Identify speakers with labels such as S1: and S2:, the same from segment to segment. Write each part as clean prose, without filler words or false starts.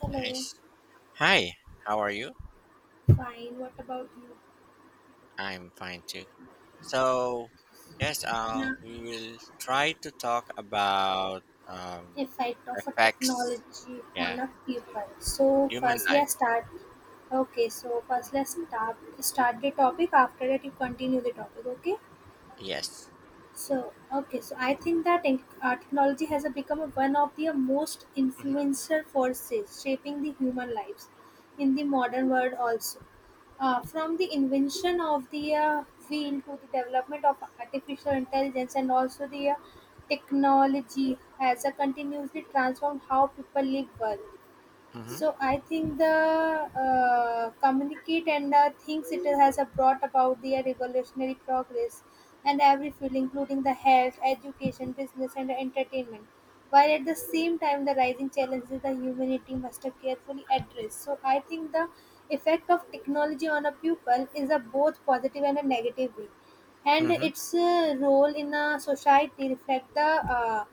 S1: Hello.
S2: Nice. Hi, how are you?
S1: Fine. What about you?
S2: I'm fine too. So, yes,
S1: An
S2: we will try to talk about
S1: effect of a
S2: effects,
S1: technology on
S2: yeah,
S1: a
S2: to
S1: people. So
S2: human
S1: firstly,
S2: life.
S1: I start. Okay, so firstly,
S2: Mm-hmm.
S1: I start the topic. After that, you continue the topic. Okay.
S2: Yes.
S1: So okay, so I think that in, technology has become one of the most
S2: Hmm.
S1: influential forces shaping the human lives in the modern world also. From the invention of the wheel to the development of artificial intelligence, and also the technology has continuously transformed how people live, work,
S2: Hmm.
S1: so I think the communicate and things, it has brought about the revolutionary progress and every field, including the health, education, business, and entertainment. While at the same time, the rising challenges the humanity must have carefully address. So I think the effect of technology on a pupil is a both positive and a negative way, and
S2: Hmm.
S1: its role in a society reflect the uh,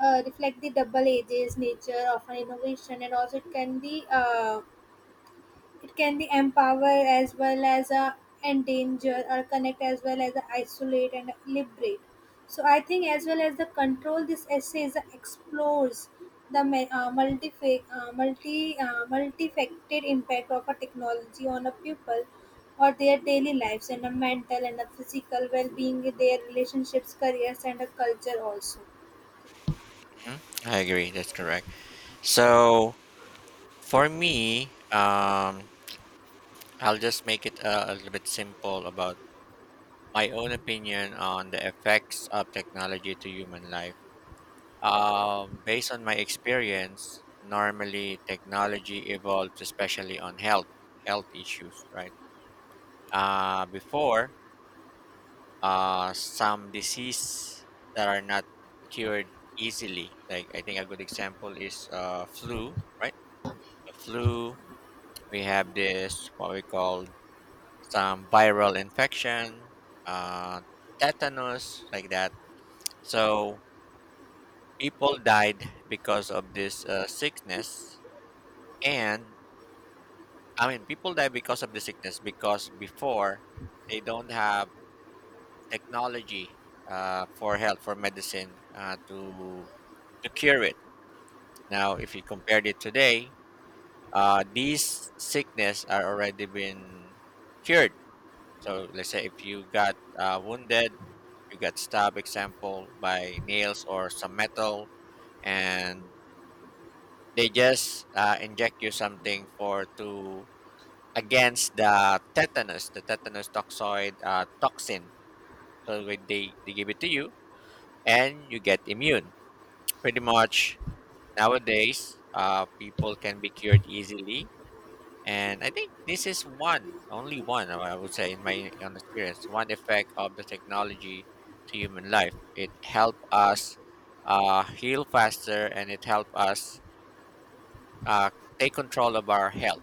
S1: uh, reflect the double edges nature of an innovation, and also it can be empower as well as endanger, or connect as well as isolate and liberate, so I think as well as the control, this essay is, explores the multifaceted impact of a technology on a pupil or their daily lives and a mental and a physical well-being, their relationships, careers and a culture also.
S2: Hmm. I agree. That's correct. So, for me, I'll just make it a little bit simple about my own opinion on the effects of technology to human life. Based on my experience, normally technology evolved, especially on health issues, right? Before, some disease that are not cured easily. Like I think a good example is flu, right? The flu. We have this what we call some viral infection, uh, tetanus, like that. So people died because of this sickness, and I mean, people die because of the sickness because before they don't have technology for health for medicine to cure it. Now, if you compared it today, these sickness are already been cured. So let's say if you got wounded, you got stabbed, example by nails or some metal, and they just inject you something for to against the tetanus toxoid toxin. So when they give it to you, and you get immune. Pretty much nowadays, people can be cured easily, and I think this is one, only one, I would say, in my own experience, one effect of the technology to human life. It help us heal faster, and it help us uh, take control of our health.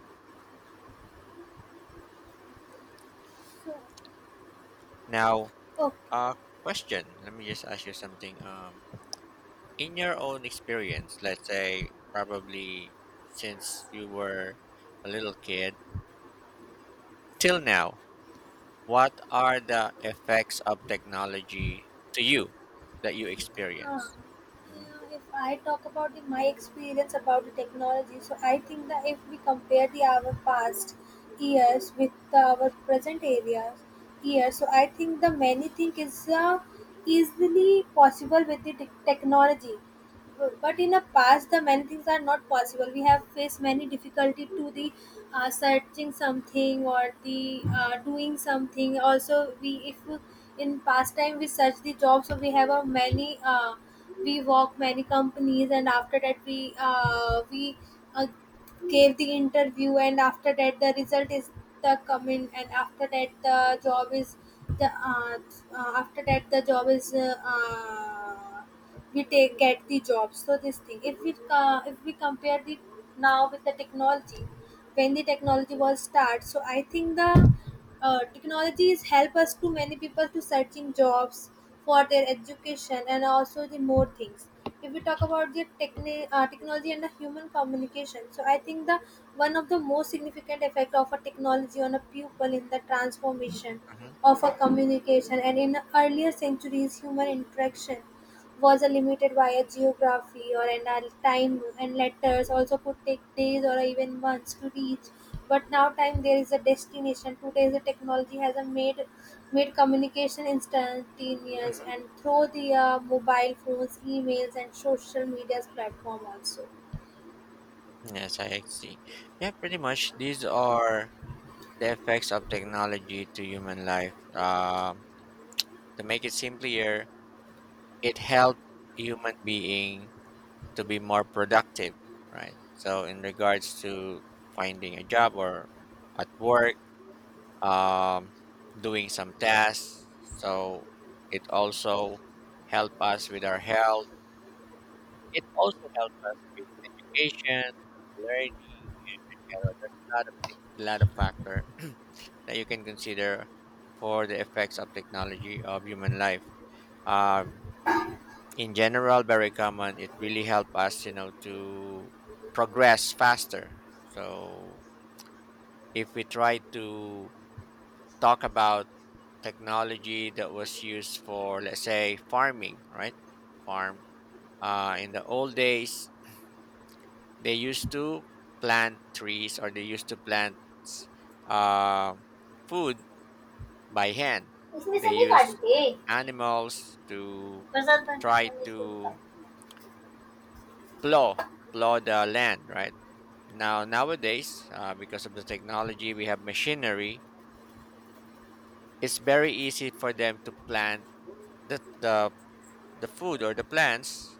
S2: Now,
S1: Okay.
S2: uh, question. Let me just ask you something. In your own experience, let's say probably since you were a little kid till now, what are the effects of technology to you that you
S1: Uh,
S2: experience? Mhm.
S1: if I talk about the, my experience about the technology, so I think that if we compare the our past years with our present areas years, so I think the many thing is easily possible with the technology, but
S2: Mhm.
S1: in the past the many things are not possible, we have faced many difficulty to the searching something or the doing something also. We if in past time we search the job, so we have a many we work many companies, and after that we uh, gave the interview, and after that the result is the come, and after that the job is the after that the job is we take get the job. So this thing, if we compare the now with the technology, when the technology was start, so I think the technologies help us to many people to searching jobs for their education and also the more things. If we talk about the technology and the human communication, so I think the one of the most significant effect of a technology on a pupil in the transformation
S2: Mhm.
S1: of a communication, and in earlier centuries human interaction was limited via geography or and time, and letters also could take days or even months to reach. But now time there is a destination. Today the technology has a made communication instantaneous
S2: Mhm.
S1: and through the mobile phones, emails and social media's platform also.
S2: Yes, I see. Yeah, pretty much these are the effects of technology to human life. To make it simpler, it helped human being to be more productive, right? So in regards to finding a job or at work, um, doing some tasks, so it also help us with our health. It also help us with education, learning. You there's a lot of things, a lot of factor that you can consider for the effects of technology of human life. Um, in general very common, it really helped us, you know, to progress faster. So if we try to talk about technology that was used for, let's say, farming, right? Farm in the old days they used to plant trees or they used to plant uh, food by hand.
S1: इसमें से
S2: They
S1: नहीं
S2: used
S1: काटी थे
S2: animals to
S1: Prasad
S2: try
S1: बनते इसको भी
S2: to
S1: काटी
S2: plow plow the land, right? Now, nowadays, because of the technology, we have machinery. It's very easy for them to plant the, the the food or the plants,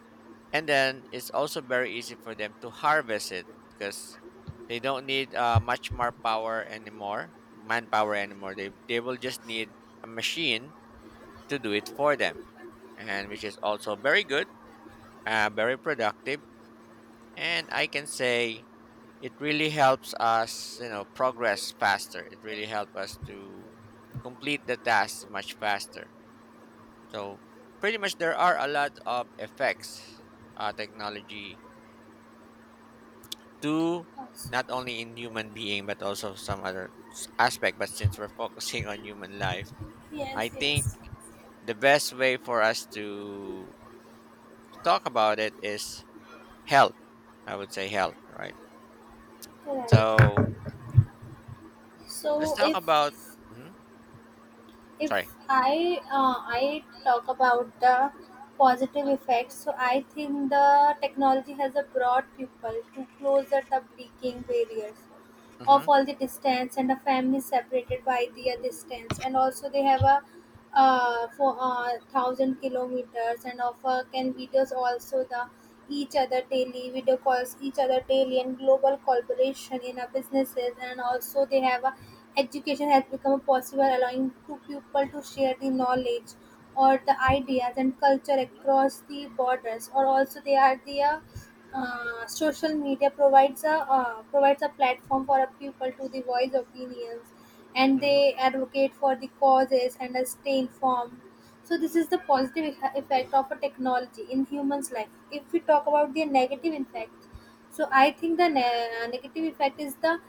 S2: and then it's also very easy for them to harvest it because they don't need much more power anymore, manpower anymore. They will just need a machine to do it for them, and which is also very good, very productive. And I can say it really helps us, you know, progress faster. It really helps us to complete the task much faster. So pretty much there are a lot of effects technology to
S1: Also,
S2: not only in human being but also some other aspect. But since we're focusing on human life, I
S1: yes,
S2: think
S1: yes,
S2: the best way for us to talk about it is health, I would say health, right?
S1: right.
S2: So let's
S1: So,
S2: talk
S1: if
S2: about. Mhm, sorry.
S1: if I talk about the positive effects, so I think the technology has brought people to closer the breaking barriers of all the distance and a family separated by the distance, and also they have a for thousand kilometers and of can videos also, the each other daily, video calls each other daily and global collaboration in our businesses, and also they have a education has become possible allowing two people to share the knowledge or the ideas and culture across the borders, or also they are the social media provides a platform for a people to the voice opinions, and
S2: Hmm.
S1: they advocate for the causes and stay informed. So this is the positive effect of a technology in humans' life. If we talk about the negative effect, so I think the negative effect is the,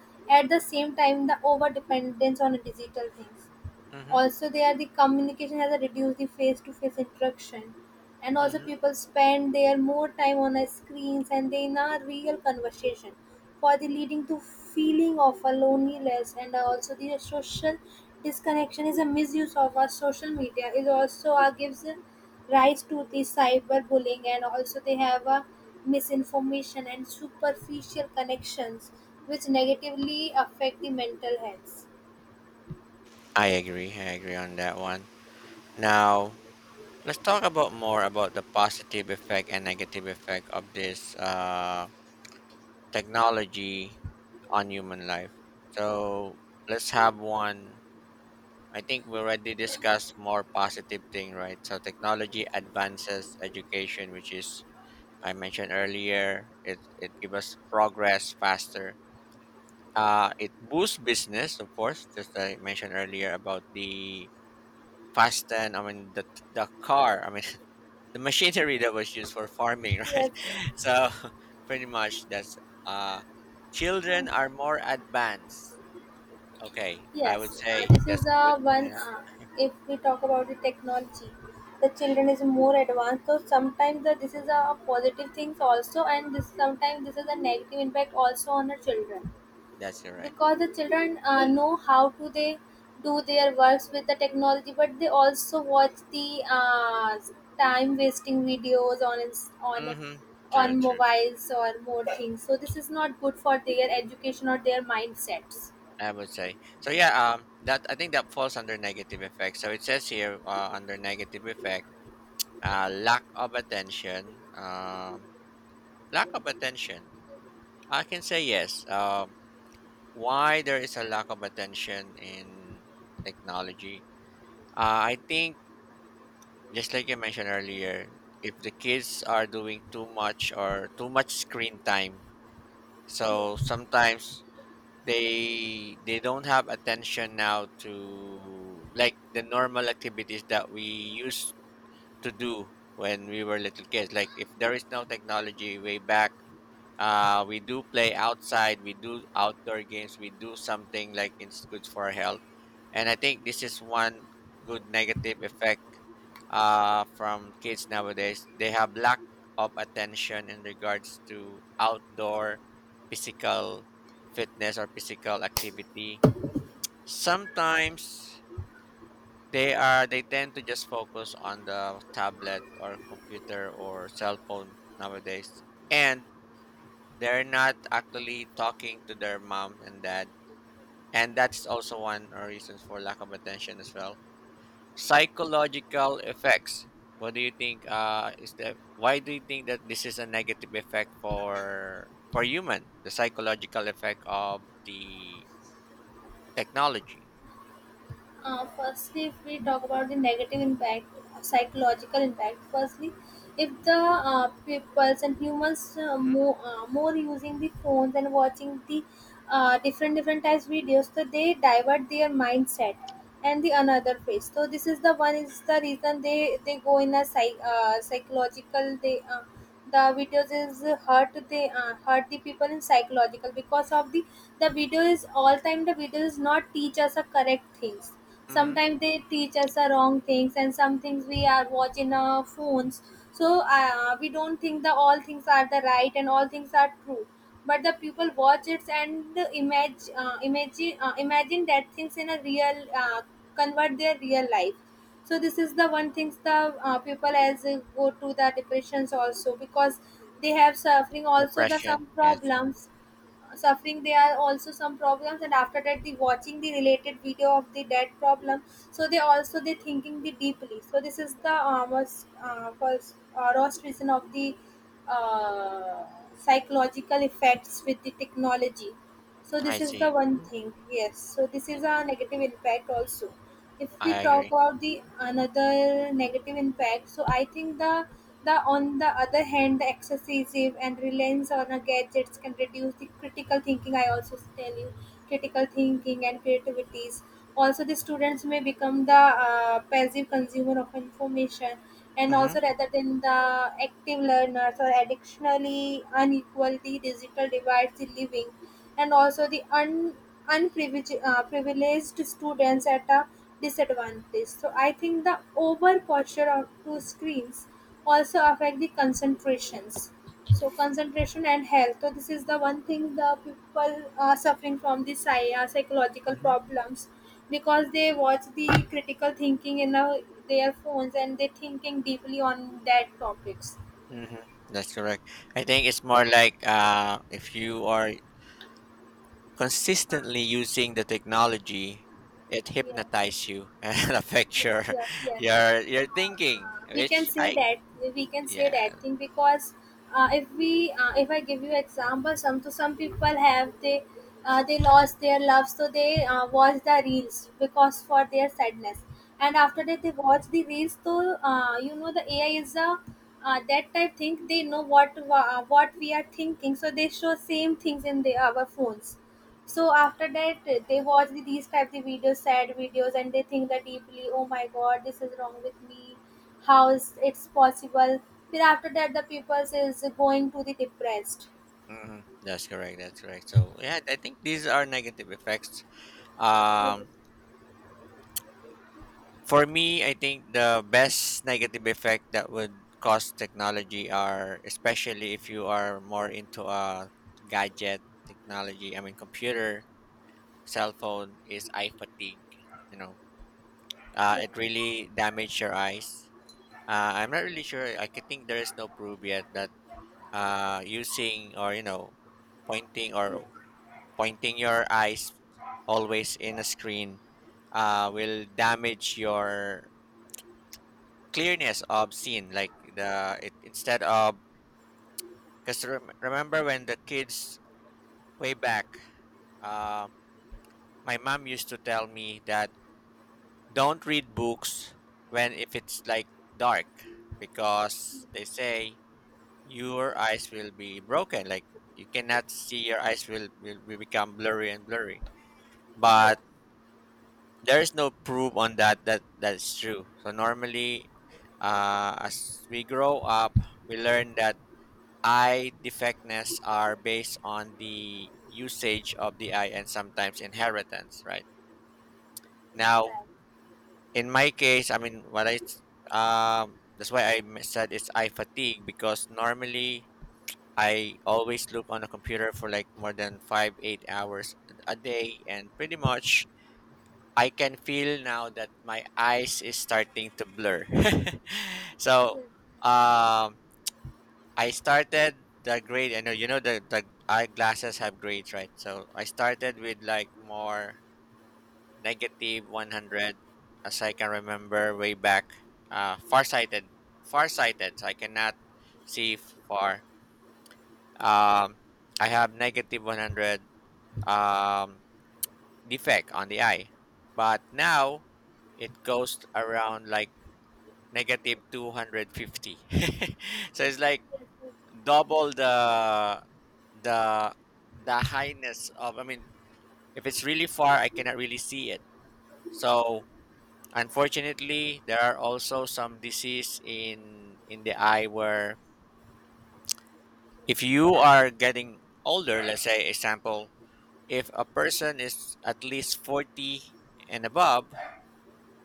S1: at the same time, the over dependence on digital things,
S2: Mhm.
S1: also they are the communication has reduced the face to face interaction, and also
S2: Mhm.
S1: people spend their more time on a screens and then a real conversation for the leading to feeling of a loneliness, and also the social disconnection is a misuse of our social media is also gives rise to the cyberbullying, and also they have a misinformation and superficial connections which negatively affect the mental health.
S2: I agree. I agree on that one. Now, let's talk about more about the positive effect and negative effect of this technology on human life. So, let's have one. I think we already discussed more positive thing, right? So, technology advances education, which is I mentioned earlier. It gives us progress faster. It boosts business, of course, just I mentioned earlier about the Fast then, I mean the car, I mean the machinery that was used for farming, right?
S1: Yes.
S2: So pretty much that's uh children are more advanced. Okay, I would
S1: Yes,
S2: say
S1: this is
S2: that's good.
S1: one.
S2: Yeah.
S1: If we talk about the technology, the children is more advanced. So sometimes the, this is
S2: Mhm,
S1: a positive things also, and this sometimes this is a negative impact also on the children
S2: that's correct.
S1: because the children know how to, they do their works with the technology, but they also watch the time wasting videos on ins- on
S2: Mm-hmm.
S1: on
S2: True, true.
S1: mobiles or more things. So this is not good for their education or their mindsets.
S2: I would say so. Yeah. That I think that falls under negative effect. So it says here under negative effect, lack of attention. Lack of attention. I can say yes. Why there is a lack of attention in technology. I think, just like you mentioned earlier, if the kids are doing too much or too much screen time, so
S1: Yes.
S2: sometimes they don't have attention now to like the normal activities that we used to do when we were little kids. Like if there is no technology way back, we do play outside. We do outdoor games. We do something like it's good for our health. And I think this is one good negative effect from kids nowadays. They have lack of attention in regards to outdoor physical fitness or physical activity. Sometimes they tend to just focus on the tablet or computer or cell phone nowadays. And they're not actually talking to their mom and dad. And that's also one reason for lack of attention as well. Psychological effects. What do you think is the why do you think that this is a negative effect for human? The psychological effect of the technology.
S1: Firstly, if we talk about the negative impact, psychological impact, firstly, if the peoples and humans uh,
S2: Hmm.
S1: more, uh, more using the phones and watching the different types videos, so they divert their mindset and the another phase. So this is the one is the reason they go in a psychological they. The videos is hurt they hurt the people in psychological because of the video is all time, the video is not teach us a correct things,
S2: Mm-hmm.
S1: sometimes they teach us the wrong things and some things we are watching our phones. So we don't think that all things are the right and all things are true, but the people watch it and imagine imagine that things in a real convert their real life. So this is the one things, the people as go to the depressions also, because they have suffering also the
S2: Depression.
S1: some
S2: Yes. Mhm.
S1: problems. Suffering, there are also some problems, and after that the watching the related video of the dead problem, so they also they thinking the deeply. So this is the most first worst reason of the uh, psychological effects with the technology. So this
S2: I
S1: is the
S2: see.
S1: one thing. Yes, so this is
S2: Yes,
S1: a negative impact also. If we
S2: I
S1: talk
S2: agree.
S1: about the another negative impact, so I think the on the other hand, the excessive and reliance on a gadgets can reduce the critical thinking, I also tell you, critical thinking and creativities, also the students may become the passive consumer of information and
S2: Mm-hmm.
S1: also rather than the active learners, or additionally unequal the digital divides in living, and also the un, unprivileged privileged students at a disadvantage. So I think the over posture of two screens also affect the concentrations. So concentration and health. So this is the one thing, the people are suffering from the psychological
S2: Mm-hmm.
S1: problems because they watch the critical thinking in their phones and they thinking deeply on that topics.
S2: Mm-hmm. That's correct. I think it's more like, if you are consistently using the technology, it
S1: Yes.
S2: hypnotizes you and affects
S1: Yes,
S2: your
S1: yes, yes.
S2: your your thinking,
S1: We can
S2: which
S1: say
S2: I
S1: that we can say
S2: yeah.
S1: that thing because if I give you example, some people
S2: Mhm.
S1: have they lost their love, so they watch the reels because for their sadness, and after
S2: Mhm.
S1: that they watch the reels. So you know the AI is a that type thing. They know what we are thinking, so they show same things in our phones.
S2: Mhm.
S1: So
S2: Mhm.
S1: after that, they watch these type of videos, sad videos, and they think that deeply. Oh my god, this is wrong with me. How is it's possible? Then after that, the people is going to the depressed.
S2: Mhm. That's correct. So yeah, I think these are negative effects. um
S1: Yes,
S2: for me, I think the best negative effect that would cause technology are especially if you are more into a gadget technology, I mean computer, cell phone, is eye fatigue, you know. It really damaged your eyes. I'm not really sure. I could think there is no proof yet that using, or you know, pointing or pointing your eyes always in a screen will damage your clearness of scene. Like the it instead of, because remember when the kids way back, uh, my mom used to tell me that don't read books when if it's like dark, because they say your eyes will be broken, like you cannot see, your eyes will become blurry and blurry, but there is no proof on that that's true. So normally, as we grow up we learn that eye defectness are based on the usage of the eye and sometimes inheritance, right? Now,
S1: right.
S2: in my case, I mean that's why said it's eye fatigue, because normally I always look on a computer for like more than 5-8 hours a day, and pretty much I can feel now that my eyes is starting to blur. So um, I started the grade. I know, you know, the eyeglasses have grades, right? So I started with like more negative 100, as I can remember way back. Uh, farsighted, farsighted So I cannot see far. Um, I have negative 100 um, defect on the eye, but now it goes around like negative 250. So it's like double the the highness of. I mean, if it's really far, I cannot really see it. So unfortunately, there are also some disease in the eye where, if you are getting older, let's say example if a person is at least 40 and above,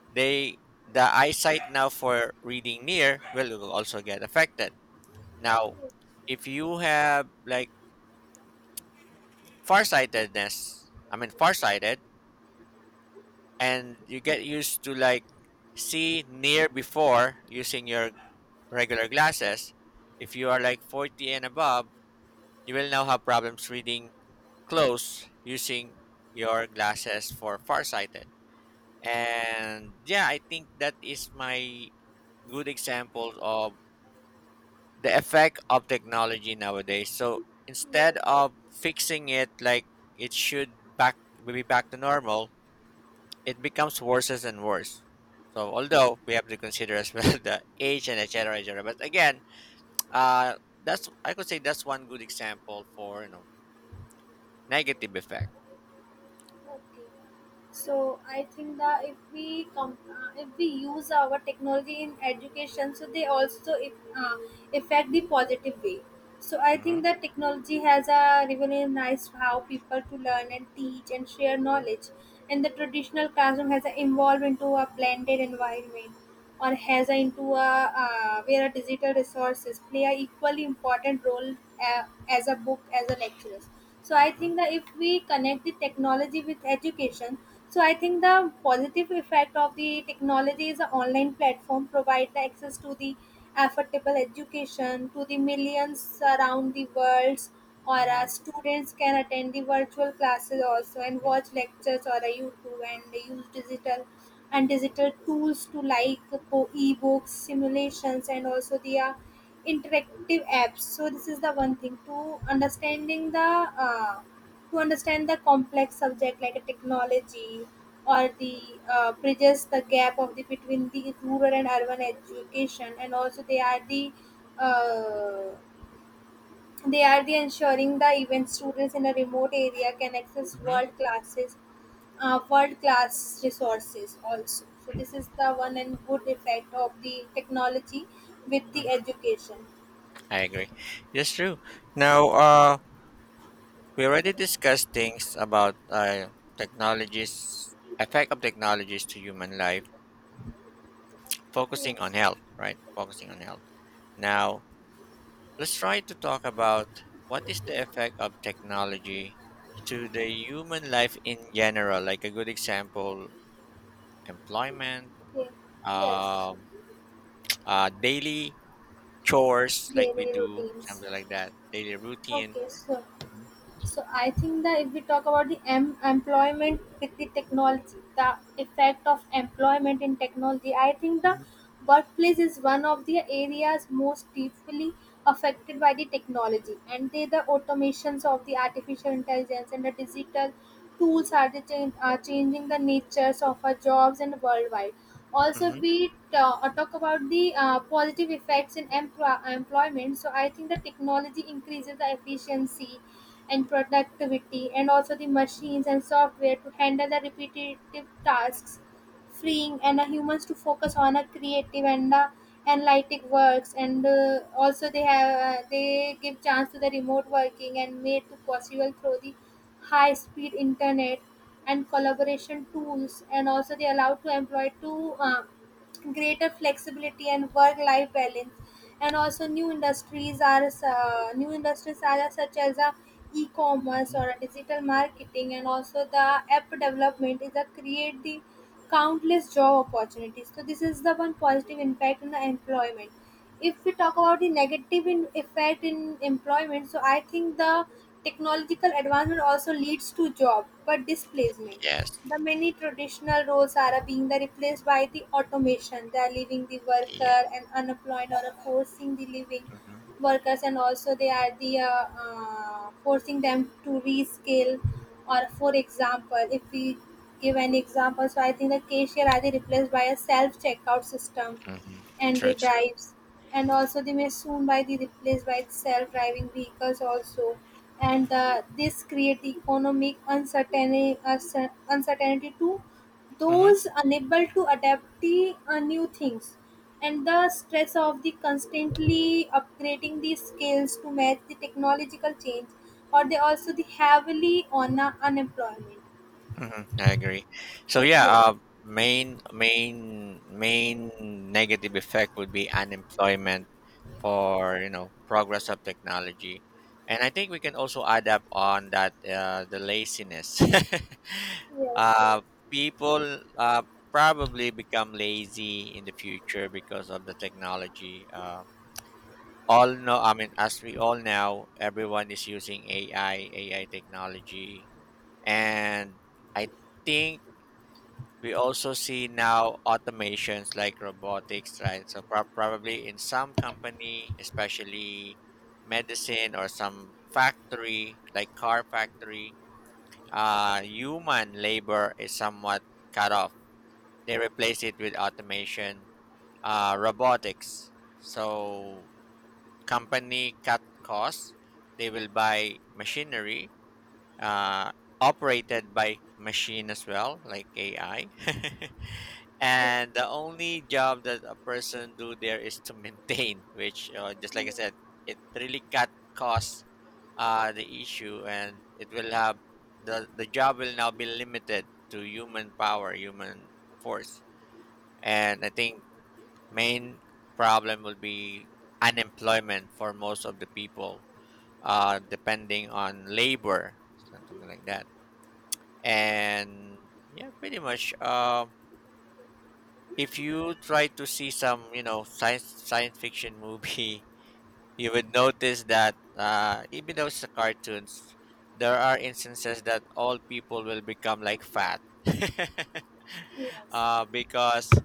S2: they the eyesight now for reading near will also get affected. Now, if you have like farsightedness, I mean farsighted, and you get used to like see near before using your regular glasses, if you are like 40 and above, you will now have problems reading close using your glasses for farsighted. And yeah, I think that is my good example of the effect of technology nowadays. So
S1: Yes.
S2: instead of fixing it like it should back be back to normal, it becomes worse and worse. So although we have to consider as well the age and etc. etc. But again, uh, that's, I could say that's one good example for, you know, negative effect.
S1: Okay. So I think that if we use our technology in education, so they also if, uh, affect the positive way. So I
S2: Hmm.
S1: think that technology has a revolutionized how people to learn and teach and share
S2: Hmm.
S1: knowledge, and the traditional classroom has evolved into a blended environment or HAZA into a where a digital resources play a equally important role uh, as a book as a lectures. So I
S2: Hmm.
S1: think that if we connect the technology with education, so I think the positive effect of the technology is an online platform provide the access to the affordable education to the millions around the world, or
S2: Hmm.
S1: students can attend the virtual classes also and watch lectures or a youtube and use digital tools to like e-books, simulations, and also the interactive apps. So this is the one thing to understand the complex subject like a technology, or the bridges the gap of the between the rural and urban education, and also uh, they are the ensuring the event students in a remote area can access
S2: Hmm.
S1: world class resources also. So this is the one and good effect of the technology with the
S2: Hmm.
S1: education.
S2: I agree. That's true. Now, we already discussed things about technologies, effect of technologies to human life, focusing on
S1: Yes.
S2: health, right? Focusing on health. Now, let's try to talk about what is the effect of technology to the human life in general. Like a good example, employment,
S1: Yeah. Yes.
S2: um, daily chores, like we
S1: Daily
S2: do,
S1: routines.
S2: something like that, daily routine.
S1: Okay. So.
S2: Hmm.
S1: So I think that if we talk about the employment with the technology, the effect of employment in technology, I think the workplace is one of the areas most deeply affected by the technology and they the automations of the artificial intelligence and the digital tools are, the change, are changing the natures of our jobs and worldwide also
S2: Hmm.
S1: we talk about the positive effects in employment. So I think the technology increases the efficiency and productivity, and also the machines and software to handle the repetitive tasks, freeing and humans to focus on a creative and analytic works. And also they have they give chance to the remote working and made to possible through the high speed internet and collaboration tools and also they allow to employ to greater flexibility and work-life balance. And also, new industries are such as a e-commerce or
S2: Hmm.
S1: a digital marketing, and also the app development is a create the countless job opportunities. So this is the one positive impact on the employment. If we talk about the negative in effect in employment, so I think the technological advancement also leads to job but displacement,
S2: Yes.
S1: the many traditional roles are being the replaced by the automation, they are leaving the worker
S2: Yeah.
S1: and unemployed or forcing the living
S2: Hmm.
S1: workers, and also they are the forcing them to rescale or for example if we give an example, so I think the cashier are they replaced by a self checkout system
S2: Hmm.
S1: and the
S2: True. True.
S1: drives and also they may soon by the replaced by self-driving vehicles also, and this create the economic uncertainty uncertainty to
S2: Mm-hmm.
S1: those unable to adapt the new things and the stress of the constantly upgrading the skills to match the technological change, or they also the heavily on unemployment.
S2: Hmm. I agree. So yeah,
S1: Yes.
S2: main negative effect would be unemployment for, you know, progress of technology, and I think we can also add up on that the laziness.
S1: Yes. Yes.
S2: uh, People probably become lazy in the future because of the technology. All know, I mean, as we all know, everyone is using AI technology, and I think we also see now automations like robotics, right? So probably in some company, especially medicine or some factory, like car factory, human labor is somewhat cut off. They replace it with automation, robotics. So company cut costs. They will buy machinery uh, operated by machine as well, like AI.
S1: Yes.
S2: And the only job that a person do there is to maintain, which, just like I said, it really cut costs the issue, and it will have the job will now be limited to human power, human force, and I think main problem will be unemployment for most of the people, depending on labor, something like that. And yeah, pretty much, if you try to see some, you know, science fiction movie, you would notice that, even though it's a cartoons, there are instances that all people will become like fat
S1: Yes.
S2: because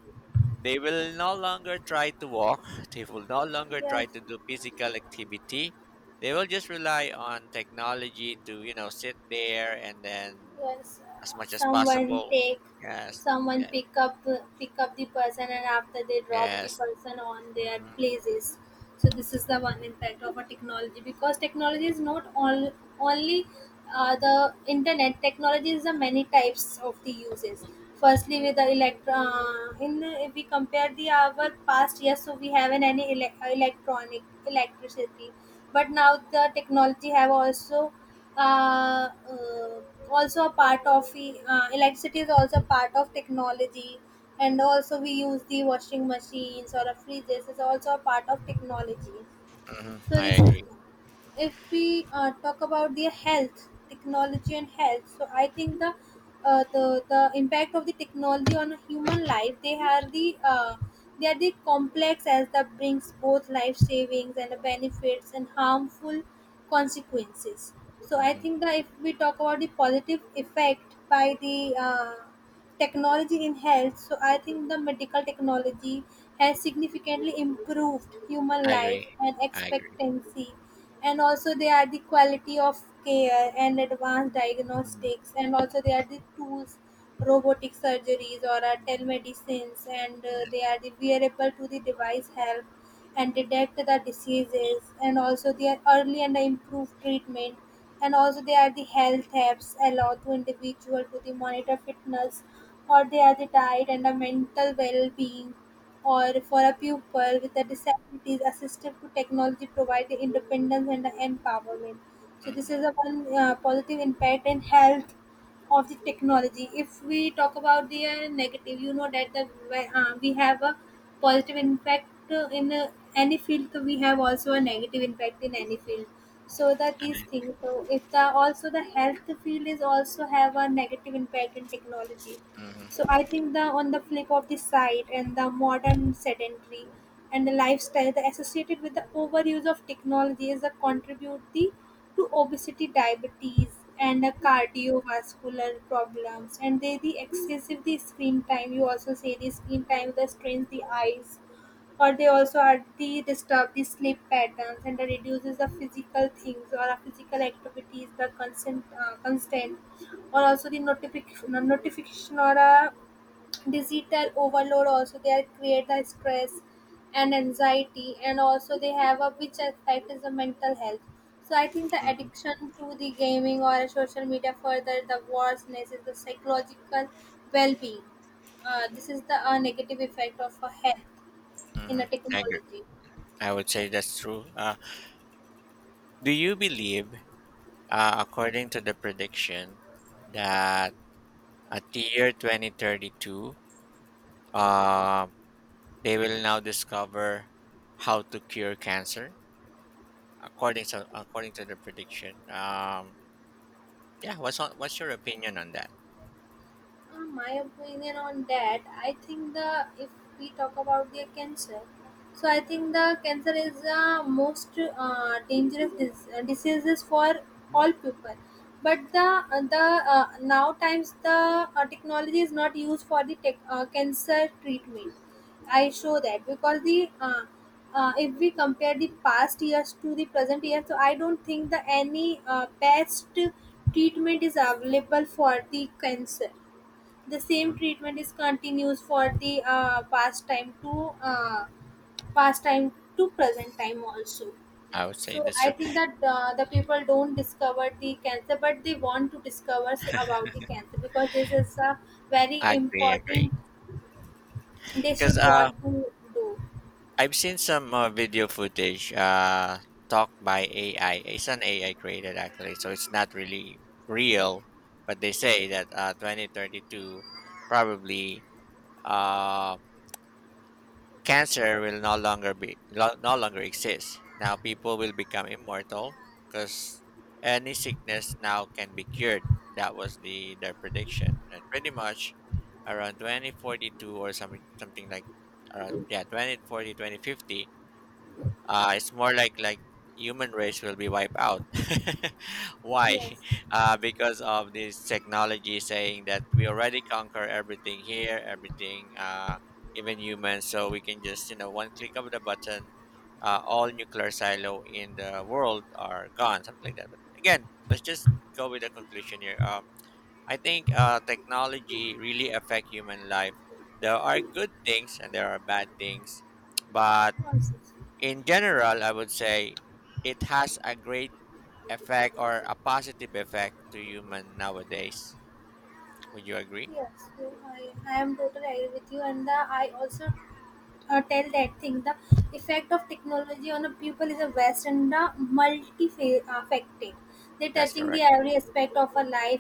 S2: they will no longer try to walk. They will no longer
S1: Yes.
S2: try to
S1: Yes.
S2: do physical activity. They will just rely on technology to, you know, sit there and then
S1: Was
S2: as much as
S1: someone
S2: possible,
S1: take,
S2: yes.
S1: someone
S2: Yeah.
S1: pick up pick up the person and after they drop the
S2: Yes.
S1: person on their
S2: Mhm,
S1: places. So this is the one impact of a technology, because technology is not all only the internet, technology is the many types of the uses. Firstly with the
S2: mm,
S1: elect in, if we compare the our past years, so we haven't any electronic electricity, but now the technology have also uh, uh, also a part of the electricity is also part of technology, and also we use the washing machines or a fridges is also a part of technology.
S2: mhm.
S1: So
S2: I
S1: this is,
S2: agree.
S1: if we talk about the health technology and health. So I think the impact of the technology on a
S2: Mhm,
S1: human life, they are the complex as that brings both life savings and the benefits and harmful consequences. So I
S2: mhm.
S1: think that if we talk about the positive effect by the technology in health, so I think the medical technology has significantly improved human
S2: I
S1: life
S2: agree.
S1: and
S2: I agree.
S1: expectancy and also they are the quality of care and advanced
S2: Mhm,
S1: diagnostics, and also they are the tools, robotic surgeries or
S2: mhm.
S1: telemedicines, and
S2: Yes.
S1: they are the wearable to the device help and detect the diseases, and also they are early and improve treatment, and also they are the health apps allow to individual to the monitor fitness or they are the diet and the mental well-being, or for a pupil with a disabilities assistive to technology provide the independence and the empowerment. So this
S2: Mhm.
S1: is a one positive impact in health of the technology. If we talk about the negative, you know that the where, we have a positive impact in any field, we have also a negative impact in any field. So that these
S2: I
S1: things, so if the also the health field is also have a negative impact in technology.
S2: mhm,
S1: So I think, the on the flip of the side and the modern sedentary and the lifestyle that associated with the overuse of technology is a contribute the to obesity, diabetes, and the cardiovascular problems. And they the excessive the screen time. You also say the screen time that strains the eyes, or they also are the disturb the sleep patterns and the reduces the physical things or the physical activities. The constant or also the notification or a digital overload also they are create the stress and anxiety, and also they have a which effect is the mental health. So I think the
S2: mhm,
S1: addiction to the gaming or social media further the worseness is the psychological well-being. This is the negative effect of a health in a
S2: mhm. I agree.
S1: technology.
S2: I would say that's true. Do you believe, according to the prediction, that at the year 2032, uh, they will now discover how to cure cancer? According to the prediction, yeah. What's on, what's your opinion on that?
S1: My opinion on that, I think the, if we talk about the cancer, so I think the cancer is the most dangerous diseases for
S2: Mhm,
S1: all people. But the now times the technology is not used for the cancer treatment. I show that because the if we compare the past years to the present year, so I don't think the any best treatment is available for the cancer. The same
S2: mhm.
S1: treatment is continues for the past time to present time also.
S2: I would say
S1: So
S2: that's.
S1: I think that the people don't discover the cancer, but they want to discover about the cancer because this is a very
S2: Agree, agree.
S1: important. They
S2: Because,
S1: should want to do.
S2: I've seen some video footage talk by AI. It's an AI created actually, so it's not really real. But they say that, 2032 probably, uh, cancer will no longer be no longer exist. Now people will become immortal because any sickness now can be cured. That was the their prediction, and pretty much around 2042 or something like around, yeah, 2040 2050, it's more like human race will be wiped out. Why?
S1: Yes.
S2: Because of this technology saying that we already conquer everything here, everything, even humans. So we can just, you know, one click of the button, all nuclear silo in the world are gone, something like that. But again, let's just go with the conclusion here. I think technology really affect human life. There are good things and there are bad things, but
S1: Also.
S2: in general, I would say it has a great effect or a positive effect to human nowadays. Would you agree?
S1: Yes, so I am totally agree with you, and the, I also tell that thing, the effect of technology on a pupil is a vast and multi affected. They
S2: That's
S1: touching the
S2: correct.
S1: every aspect of a life.